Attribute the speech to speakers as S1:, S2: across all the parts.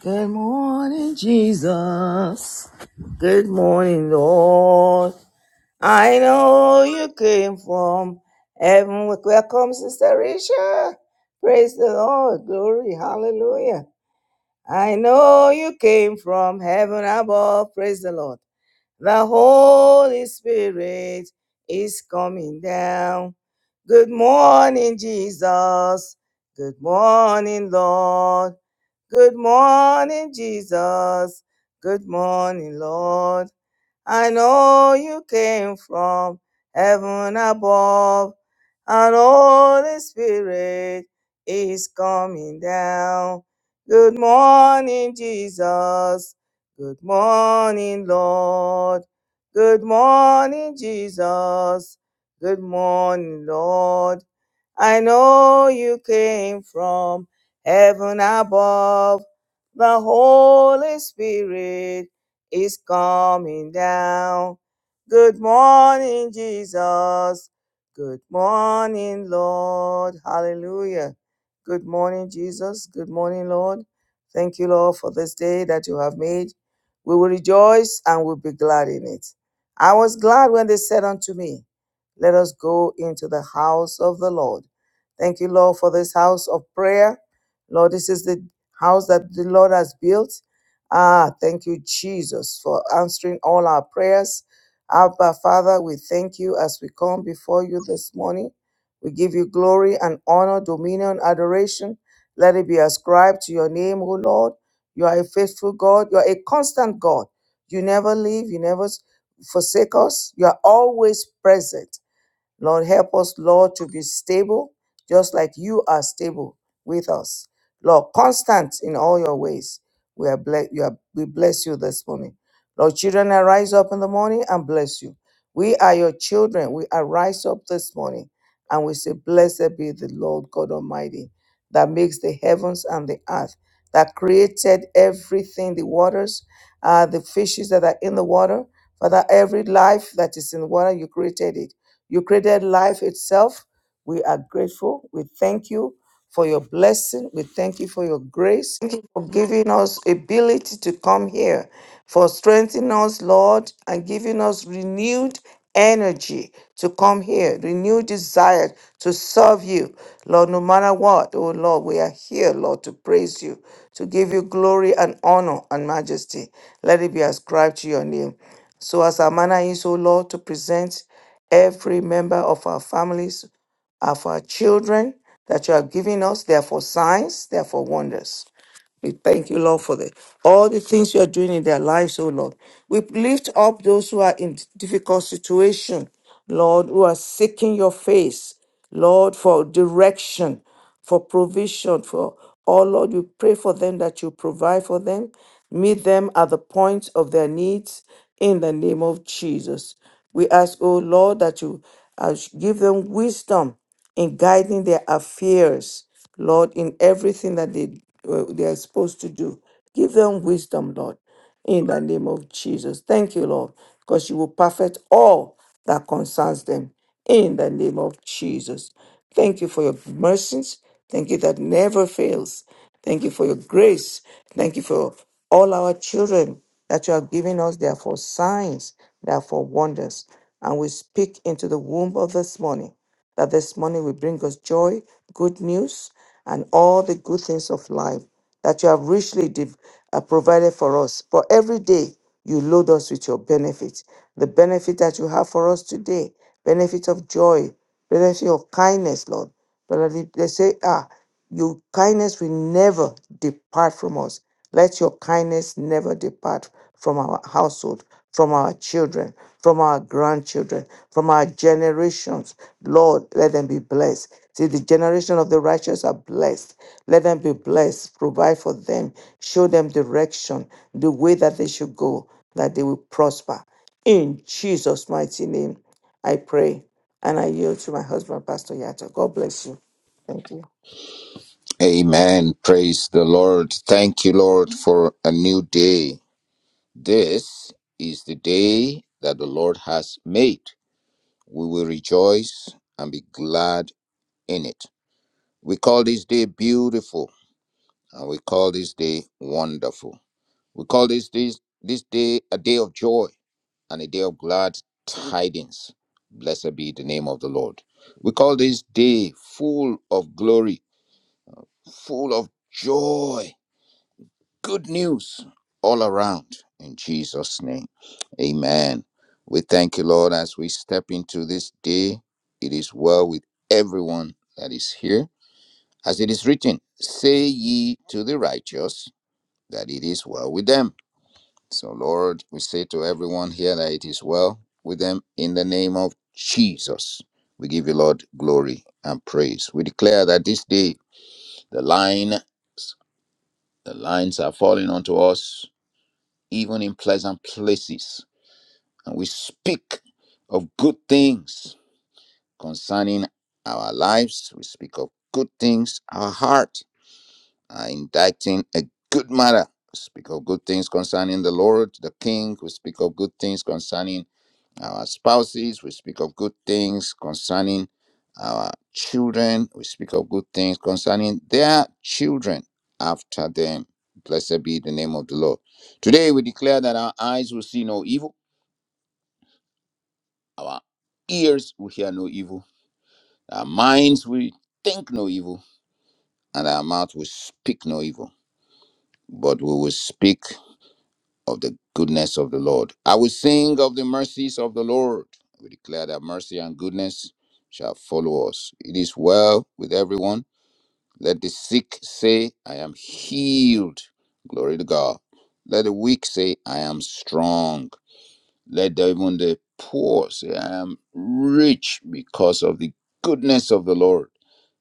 S1: Good morning, Jesus. Good morning, Lord. I know you came from heaven. Welcome, Sister Risha. Praise the Lord. Glory. Hallelujah. I know you came from heaven above. Praise the Lord. The Holy Spirit is coming down. Good morning, Jesus. Good morning, Lord. Good morning, Jesus. Good morning, Lord. I know you came from heaven above, and Holy Spirit is coming down. Good morning, Jesus. Good morning, Lord. Good morning, Jesus. Good morning, Lord. I know you came from heaven above. The Holy Spirit is coming down. Good morning, Jesus. Good morning, Lord. Hallelujah. Good morning, Jesus. Good morning, Lord. Thank you, Lord, for this day that you have made. We will rejoice and will be glad in it. I was glad when they said unto me, Let us go into the house of the Lord. Thank you, Lord, for this house of prayer. Lord, this is the house that the Lord has built. Ah, thank you, Jesus, for answering all our prayers. Abba, Father, we thank you as we come before you this morning. We give you glory and honor, dominion, adoration. Let it be ascribed to your name, O Lord. You are a faithful God. You are a constant God. You never leave. You never forsake us. You are always present. Lord, help us, Lord, to be stable, just like you are stable with us. Lord, constant in all your ways. We are bless you are, we bless you this morning. Lord, children I rise up in the morning and bless you. We are your children. We arise up this morning and we say, Blessed be the Lord God Almighty that makes the heavens and the earth that created everything, the waters, uh, the fishes that are in the water. Father, every life that is in water, you created it. You created life itself. We are grateful. We thank you for your blessing. We thank you for your grace. Thank you for giving us ability to come here, for strengthening us, Lord, and giving us renewed energy to come here, renewed desire to serve you, Lord, no matter what. Oh, Lord, we are here, Lord, to praise you, to give you glory and honor and majesty. Let it be ascribed to your name. So, as our manner is, O Lord, to present every member of our families, of our children that you have given us, they are for signs, they are for wonders. We thank you, Lord, for the, all the things you are doing in their lives, oh Lord. We lift up those who are in difficult situation, Lord, who are seeking your face, Lord, for direction, for provision, for oh Lord, we pray for them that you provide for them, meet them at the point of their needs in the name of Jesus. We ask, oh Lord, that you uh, give them wisdom in guiding their affairs, Lord, in everything that they uh, they are supposed to do. Give them wisdom, Lord, in the name of Jesus. Thank you, Lord, because you will perfect all that concerns them in the name of Jesus. Thank you for your mercies. Thank you that never fails. Thank you for your grace. Thank you for all our children that you have given us. They are for signs, they are for wonders. And we speak into the womb of this morning that this morning will bring us joy, good news, and all the good things of life that you have richly div- uh, provided for us. For every day you load us with your benefit, the benefit that you have for us today, benefit of joy, benefit of kindness, Lord. But they say, ah, your kindness will never depart from us. Let your kindness never depart from our household, from our children, from our grandchildren, from our generations. Lord, let them be blessed. See, the generation of the righteous are blessed. Let them be blessed. Provide for them. Show them direction, the way that they should go, that they will prosper. In Jesus' mighty name, I pray. And I yield to my husband, Pastor Yato. God bless you. Thank you.
S2: Amen. Praise the Lord. Thank you, Lord, for a new day. This is the day that the Lord has made. We will rejoice and be glad in it. We call this day beautiful and we call this day wonderful. We call this day, this day a day of joy and a day of glad tidings. Blessed be the name of the Lord. We call this day full of glory, full of joy good news all around in Jesus' name. Amen. We thank you, Lord, as we step into this day. It is well with everyone that is here. As it is written, say ye to the righteous that it is well with them. So, Lord, we say to everyone here that it is well with them in the name of Jesus. We give you, Lord, glory and praise. We declare that this day the line the lines are falling onto us even in pleasant places. And we speak of good things concerning our lives. We speak of good things. Our heart are indicting a good matter. We speak of good things concerning the Lord, the King. We speak of good things concerning our spouses. We speak of good things concerning our children. We speak of good things concerning their children after them. Blessed be the name of the Lord. Today we declare that our eyes will see no evil Our ears will hear no evil. Our minds will think no evil. And our mouth will speak no evil. But we will speak of the goodness of the Lord. I will sing of the mercies of the Lord. We declare that mercy and goodness shall follow us. It is well with everyone. Let the sick say, I am healed. Glory to God. Let the weak say, I am strong. Let the, even the poor say, I am rich because of the goodness of the Lord.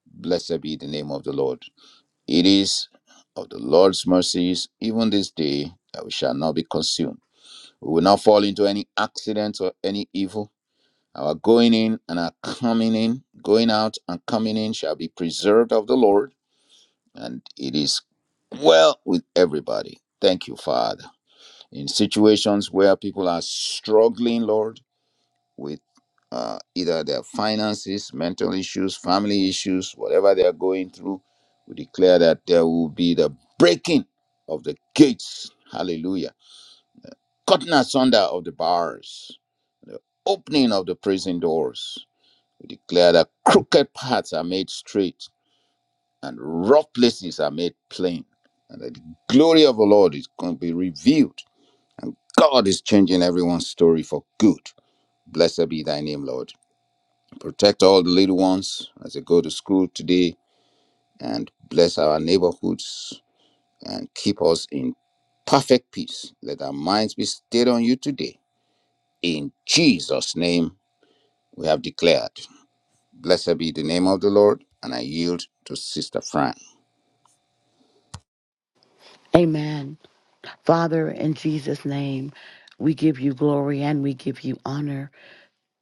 S2: Blessed be the name of the Lord. It is of the Lord's mercies, even this day, that we shall not be consumed. We will not fall into any accident or any evil. Our going in and our coming in, going out and coming in shall be preserved of the Lord, and it is well with everybody. Thank you, Father. In situations where people are struggling, Lord, with uh, either their finances, mental issues, family issues, whatever they are going through. We declare that there will be the breaking of the gates. Hallelujah. Cutting asunder of the bars, the opening of the prison doors. We declare that crooked paths are made straight and rough places are made plain. And that the glory of the Lord is going to be revealed. And God is changing everyone's story for good. Blessed be thy name, Lord. Protect all the little ones as they go to school today and bless our neighborhoods and keep us in perfect peace. Let our minds be stayed on you today. In Jesus' name, we have declared. Blessed be the name of the Lord, and I yield to Sister Fran.
S3: Amen. Father, in Jesus' name, we give you glory and we give you honor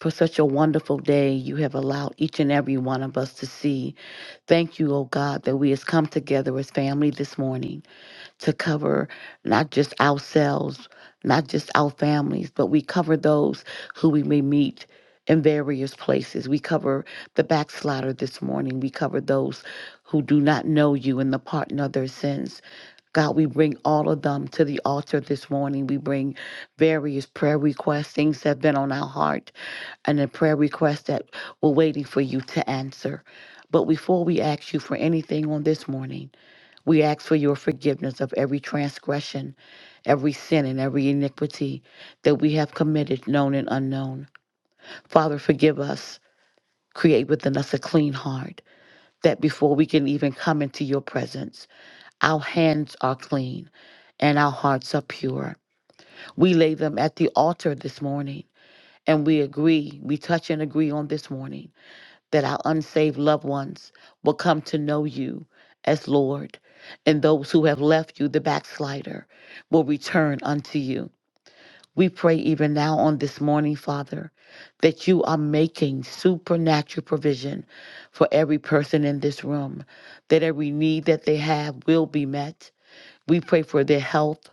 S3: for such a wonderful day you have allowed each and every one of us to see. Thank you, O God, that we has come together as family this morning to cover not just ourselves, not just our families, but we cover those who we may meet in various places. We cover the backslider this morning. We cover those who do not know you and the pardon of their sins. God, we bring all of them to the altar this morning. We bring various prayer requests, things that have been on our heart, and the prayer requests that we're waiting for you to answer. But before we ask you for anything on this morning, we ask for your forgiveness of every transgression, every sin, and every iniquity that we have committed, known and unknown. Father, forgive us. Create within us a clean heart that before we can even come into your presence, our hands are clean and our hearts are pure. We lay them at the altar this morning and we agree, we touch and agree on this morning that our unsaved loved ones will come to know you as Lord, and those who have left you, the backslider, will return unto you. We pray even now on this morning, Father, that you are making supernatural provision for every person in this room, that every need that they have will be met. We pray for their health,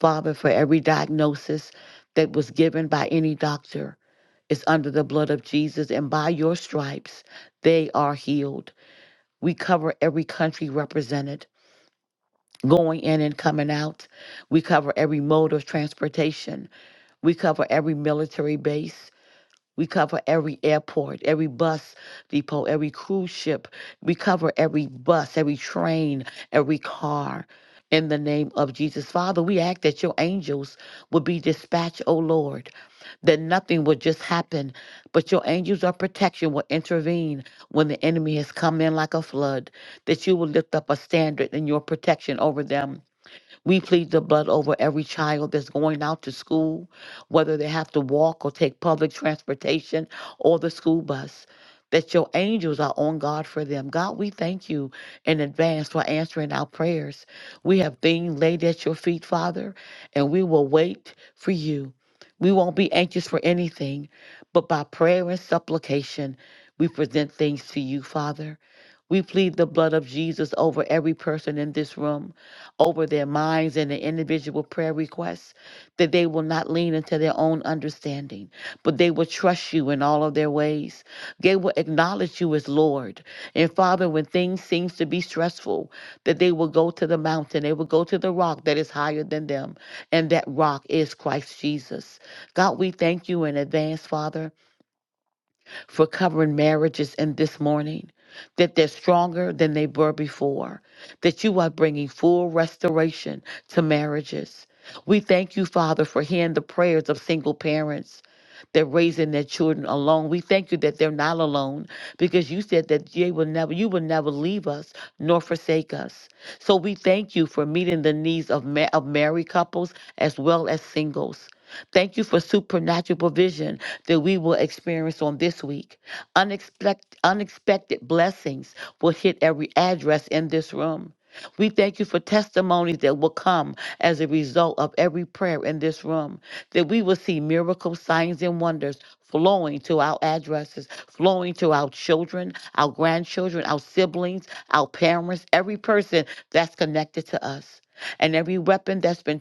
S3: Father, for every diagnosis that was given by any doctor it's under the blood of Jesus, and by your stripes, they are healed. We cover every country represented, going in and coming out. We cover every mode of transportation. We cover every military base. We cover every airport, every bus depot, every cruise ship. We cover every bus, every train, every car. In the name of Jesus. Father, we ask that your angels would be dispatched, O Lord that nothing will just happen, but your angels of protection will intervene when the enemy has come in like a flood, that you will lift up a standard in your protection over them we plead the blood over every child that's going out to school, whether they have to walk or take public transportation or the school bus. That your angels are on guard for them. God, we thank you in advance for answering our prayers. We have things laid at your feet, Father, and we will wait for you. We won't be anxious for anything, but by prayer and supplication, we present things to you, Father. We plead the blood of Jesus over every person in this room over their minds and their individual prayer requests, that they will not lean into their own understanding, but they will trust you in all of their ways. They will acknowledge you as Lord. And Father, when things seems to be stressful, that they will go to the mountain, they will go to the rock that is higher than them, and that rock is Christ Jesus. God, we thank you in advance, Father for covering marriages in this morning, that they're stronger than they were before, that you are bringing full restoration to marriages. We thank you, Father, for hearing the prayers of single parents. They're raising their children alone. We thank you that they're not alone because you said that you will never, you will never leave us nor forsake us. So we thank you for meeting the needs of, ma- of married couples as well as singles. Thank you for supernatural provision that we will experience on this week. Unexpected, unexpected blessings will hit every address in this room. We thank you for testimonies that will come as a result of every prayer in this room, that we will see miracles, signs, and wonders flowing to our addresses, flowing to our children, our grandchildren, our siblings, our parents, every person that's connected to us. And every weapon that's been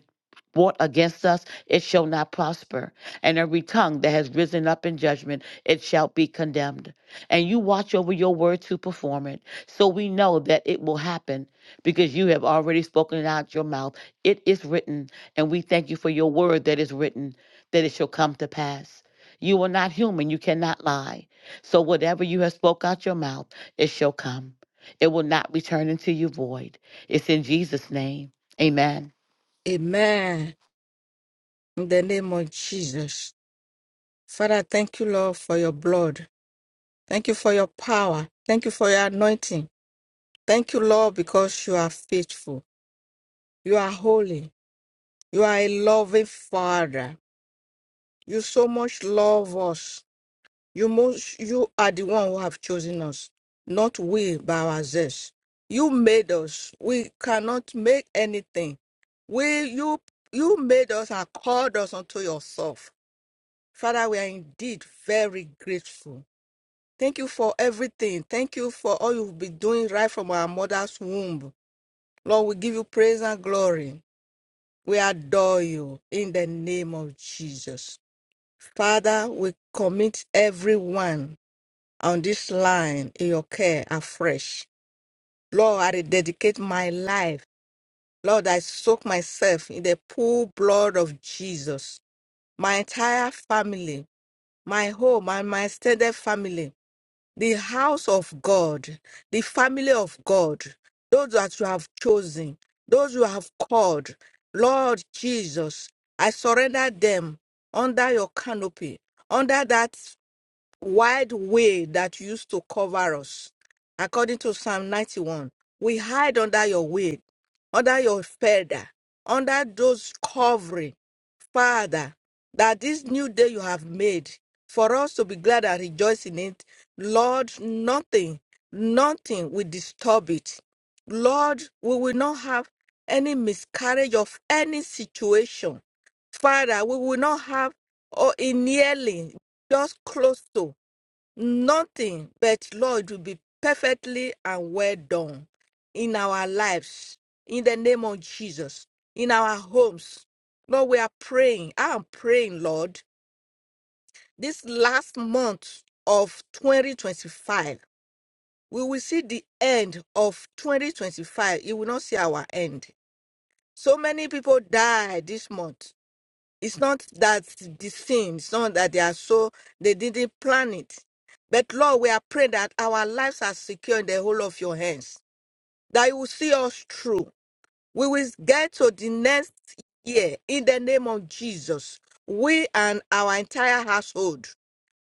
S3: brought against us, it shall not prosper and every tongue that has risen up in judgment, it shall be condemned. And you watch over your word to perform it. So we know that it will happen because you have already spoken it out your mouth. It is written, and we thank you for your word that is written, that it shall come to pass. You are not human, you cannot lie. So whatever you have spoke out your mouth, it shall come. It will not return into you void. It's in Jesus' name. Amen.
S4: Amen. In the name of Jesus. Father, thank you, Lord, for your blood. Thank you for your power. Thank you for your anointing. Thank you, Lord, because you are faithful. You are holy. You are a loving Father. You so much love us. You most you are the one who have chosen us, not we by ourselves. You made us. We cannot make anything. We you you made us and called us unto yourself. Father, we are indeed very grateful. Thank you for everything. Thank you for all you've been doing right from our mother's womb. Lord, we give you praise and glory. We adore you in the name of Jesus. Father, we commit everyone on this line in your care afresh. Lord, I dedicate my life. Lord, I soak myself in the pool blood of Jesus. My entire family, my home, and my extended family. the house of God, the family of God, those that you have chosen, those you have called. Lord Jesus, I surrender them under your canopy, under that wide way that you used to cover us. According to Psalm 91, we hide under your wing, under your feather, under those covering. Father, that this new day you have made for us to be glad and rejoice in it, Lord, nothing, nothing will disturb it. Lord, we will not have any miscarriage of any situation. Father, we will not have or in nearly just close to. Nothing but Lord will be perfectly and well done in our lives, in the name of Jesus, in our homes. Lord, we are praying. I am praying, Lord, this last month of 2025, we will see the end of 2025. You will not see our end. So many people die this month. It's not that the same. It's not that they are so they didn't plan it. But Lord, we are praying that our lives are secure in the whole of your hands. That you will see us through. We will get to the next year in the name of Jesus. We and our entire household.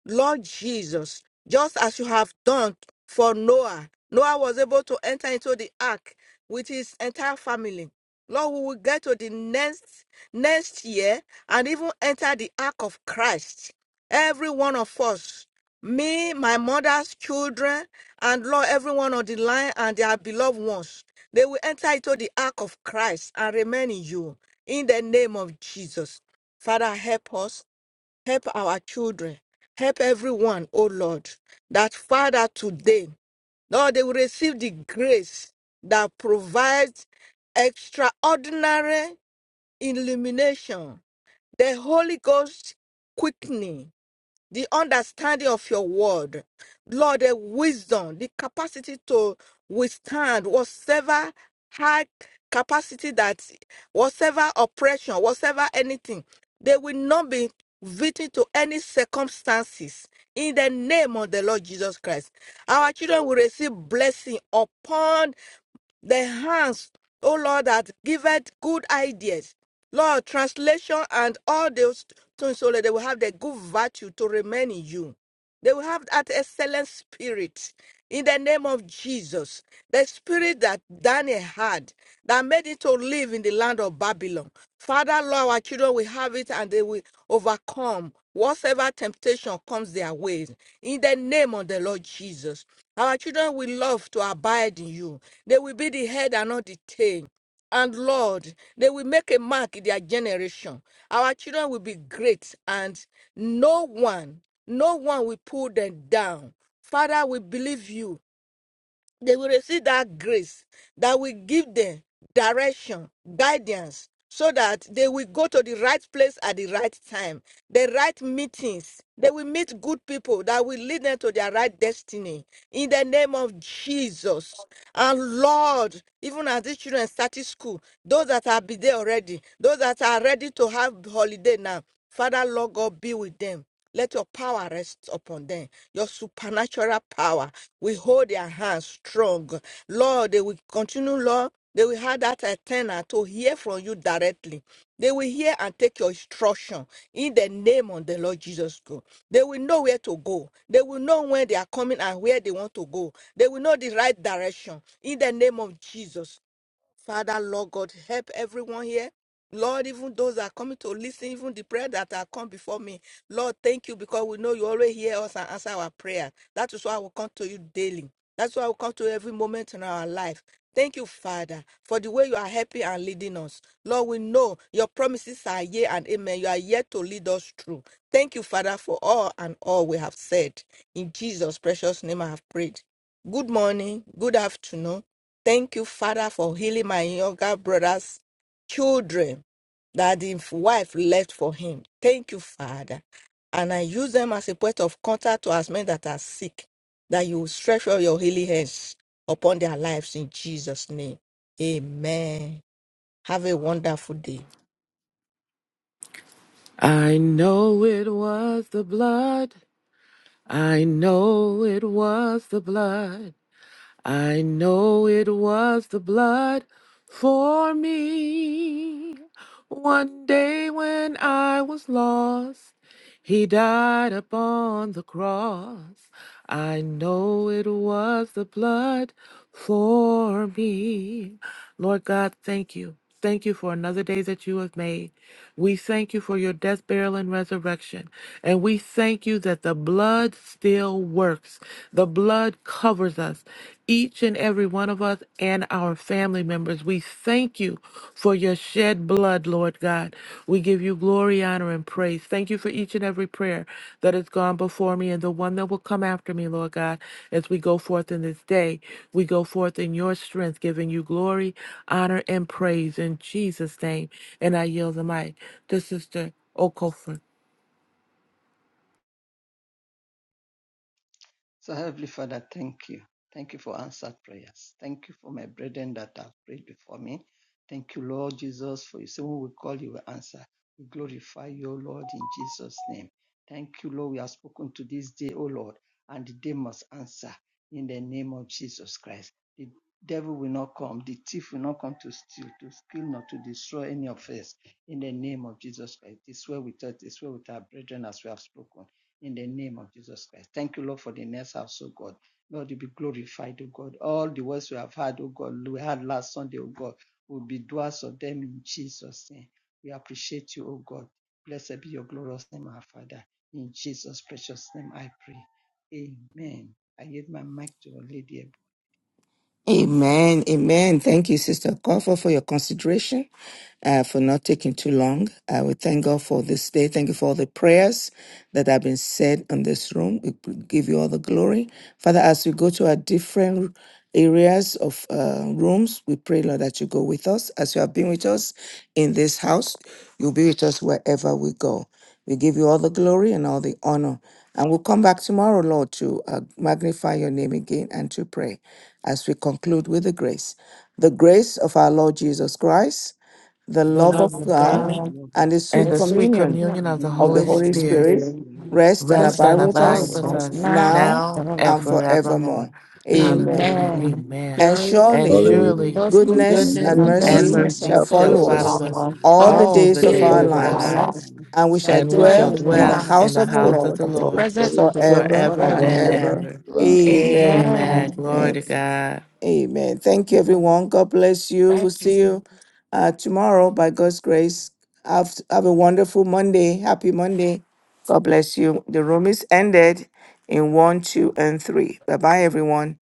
S4: Lord Jesus, just as you have done for Noah, Noah was able to enter into the ark with his entire family. Lord, we will get to the next next year and even enter the ark of Christ. Every one of us, me, my mother's children, and Lord, everyone on the line and their beloved ones, they will enter into the ark of Christ and remain in you. In the name of Jesus, Father, help us Help our children. Help everyone, oh Lord, that Father today, Lord, they will receive the grace that provides extraordinary illumination, the Holy Ghost quickening, the understanding of your word, Lord, the wisdom, the capacity to withstand whatever high capacity that whatever oppression, whatever anything, they will not be victim to any circumstances. In the name of the Lord Jesus Christ, our children will receive blessing upon the hands, O Lord, that giveth good ideas. Lord, translation and all those things, so that they will have the good virtue to remain in you. They will have that excellent spirit in the name of Jesus. The spirit that Daniel had that made it to live in the land of Babylon. Father, Lord, our children will have it and they will overcome whatever temptation comes their way. In the name of the Lord Jesus. Our children will love to abide in you. They will be the head and not the tail. And Lord, they will make a mark in their generation. Our children will be great, and no one, no one will pull them down. Father, we believe you they will receive that grace that will give them direction, guidance, so that they will go to the right place at the right time, the right meetings. They will meet good people that will lead them to their right destiny in the name of Jesus. And Lord, even as these children started school, those that are be there already, those that are ready to have holiday now, Father, Lord God, be with them. Let your power rest upon them. Your supernatural power. We hold their hands strong. Lord, they will continue, Lord. They will have that antenna to hear from you directly. They will hear and take your instruction in the name of the Lord Jesus Christ. They will know where to go. They will know when they are coming and where they want to go. They will know the right direction in the name of Jesus. Father, Lord God, help everyone here. Lord, even those that are coming to listen, even the prayer that are come before me. Lord, thank you because we know you already hear us and answer our prayer. That is why we come to you daily. That's why we come to you every moment in our life. Thank you, Father, for the way you are helping and leading us. Lord, we know your promises are yea and amen. You are yet to lead us through. Thank you, Father, for all and all we have said. In Jesus' precious name I have prayed. Good morning, good afternoon Thank you, Father, for healing my younger brother's children that the wife left for him. Thank you, Father. And I use them as a point of contact to as men that are sick, that you will stretch out your healing hands upon their lives in Jesus' name. Amen. Have a wonderful day.
S5: I know it was the blood. I know it was the blood. I know it was the blood for me. One day when I was lost, he died upon the cross. I know it was the blood for me. Lord God, thank you. Thank you for another day that you have made. We thank you for your death, burial, and resurrection. And we thank you that the blood still works. The blood covers us each and every one of us and our family members. We thank you for your shed blood, Lord God. We give you glory, honor, and praise. Thank you for each and every prayer that has gone before me and the one that will come after me, Lord God, as we go forth in this day. We go forth in your strength, giving you glory, honor, and praise in Jesus' name. And I yield the mic to Sister Okofer.
S6: So, Heavenly Father, thank you. Thank you for answered prayers. Thank you for my brethren that have prayed before me. Thank you, Lord Jesus, for you. So, when we call you, will answer. We glorify you, O Lord, in Jesus' name. Thank you, Lord. We have spoken to this day, O Lord, and the day must answer in the name of Jesus Christ. The devil will not come. The thief will not come to steal, to kill, nor to destroy any of us in the name of Jesus Christ. This way we thought, this way with our brethren as we have spoken in the name of Jesus Christ. Thank you, Lord, for the next house, oh God. Lord, you be glorified, oh God. All the words we have had, oh God, we had last Sunday, oh God, will be doers of them in Jesus' name. We appreciate you, oh God. Blessed be your glorious name, our Father. In Jesus' precious name, I pray. Amen. I give my mic to our Lady
S1: Amen. Amen. Thank you, Sister Comfort, for your consideration uh, for not taking too long. I will thank God for this day. Thank you for all the prayers that have been said in this room. We give you all the glory. Father, as we go to our different areas of uh, rooms, we pray, Lord, that you go with us. As you have been with us in this house, you'll be with us wherever we go. We give you all the glory and all the honor. And we'll come back tomorrow, Lord, to uh, magnify your name again and to pray as we conclude with the grace. The grace of our Lord Jesus Christ the
S5: The
S1: love
S5: love
S1: of
S5: of
S3: Oh
S1: God,
S5: God
S4: follow
S3: God,
S1: and the
S5: and
S1: sweet
S4: the
S5: the sweet
S4: suit
S1: communion
S4: not
S5: communion of
S6: and
S5: the
S3: in
S6: give
S3: the
S1: of
S6: her
S1: the
S3: name
S5: Holy
S3: of
S4: this
S1: Holy
S6: now the
S5: Spirit
S1: Spirit
S3: the
S1: rest and
S5: Rest
S1: abide
S4: and
S5: and
S1: with
S6: Rest in
S5: abide
S4: above
S1: us
S6: our
S5: with
S3: Holy
S4: this
S6: body,
S5: us
S3: Spirit,
S4: now it's
S1: now
S5: now
S4: all
S5: and
S1: and
S4: around
S5: forevermore.
S1: forevermore.
S2: And
S1: Amen.
S5: Hallelujah.
S4: amen
S3: And
S5: Amen.
S1: And
S6: Amen.
S4: surely
S5: And
S1: surely
S2: Surely,
S5: surely
S4: God's
S2: goodness
S1: goodness
S4: goodness
S5: goodness
S1: and
S3: Witness
S2: and
S4: and
S6: All the
S2: mercy
S5: and
S3: and
S1: mercy
S6: need
S4: mercy shall
S6: and
S5: mercy
S1: shall
S2: are
S3: mercy
S5: shall
S2: for
S4: follow
S1: follow
S6: miracles are
S2: us
S1: us
S5: follow
S4: us
S5: us
S3: follow us
S6: following
S1: all the
S4: all
S5: all
S4: the
S5: the
S1: days
S2: all
S3: the
S1: of
S2: the
S5: days
S1: our
S6: All
S4: days
S3: days
S5: of
S6: the
S3: of
S4: of
S5: our
S4: our
S6: ways
S3: our
S1: lives,
S6: of
S3: lives,
S4: life.
S5: lives,
S6: life,
S1: and we
S4: Shall
S1: shall
S5: and we
S6: I'm
S5: shall
S4: dwell
S1: dwell
S4: in the
S6: sorry,
S1: in the
S3: Lord, and
S5: dwell in
S1: house
S4: house
S6: and
S5: the
S1: of the
S2: days
S5: house of
S3: after
S1: Lord
S5: the
S3: the
S4: and
S2: of
S4: the
S5: Lord
S3: Lord,
S2: our
S4: presence of the Lord
S1: forever
S5: forever
S6: cover
S3: ever
S1: and
S4: forever.
S3: and
S5: and
S6: and
S3: ever.
S1: ever.
S5: ever.
S2: lives,
S1: Amen.
S5: Amen.
S3: Amen.
S4: Amen.
S5: Glory
S1: Amen.
S5: to God.
S1: Amen. Thank you, everyone. God bless you. We'll
S4: Thank you.
S1: see you uh, tomorrow by God's grace. Have, have a wonderful Monday. Happy Monday. God bless you. The room is ended in one, two, and three. Bye bye, everyone.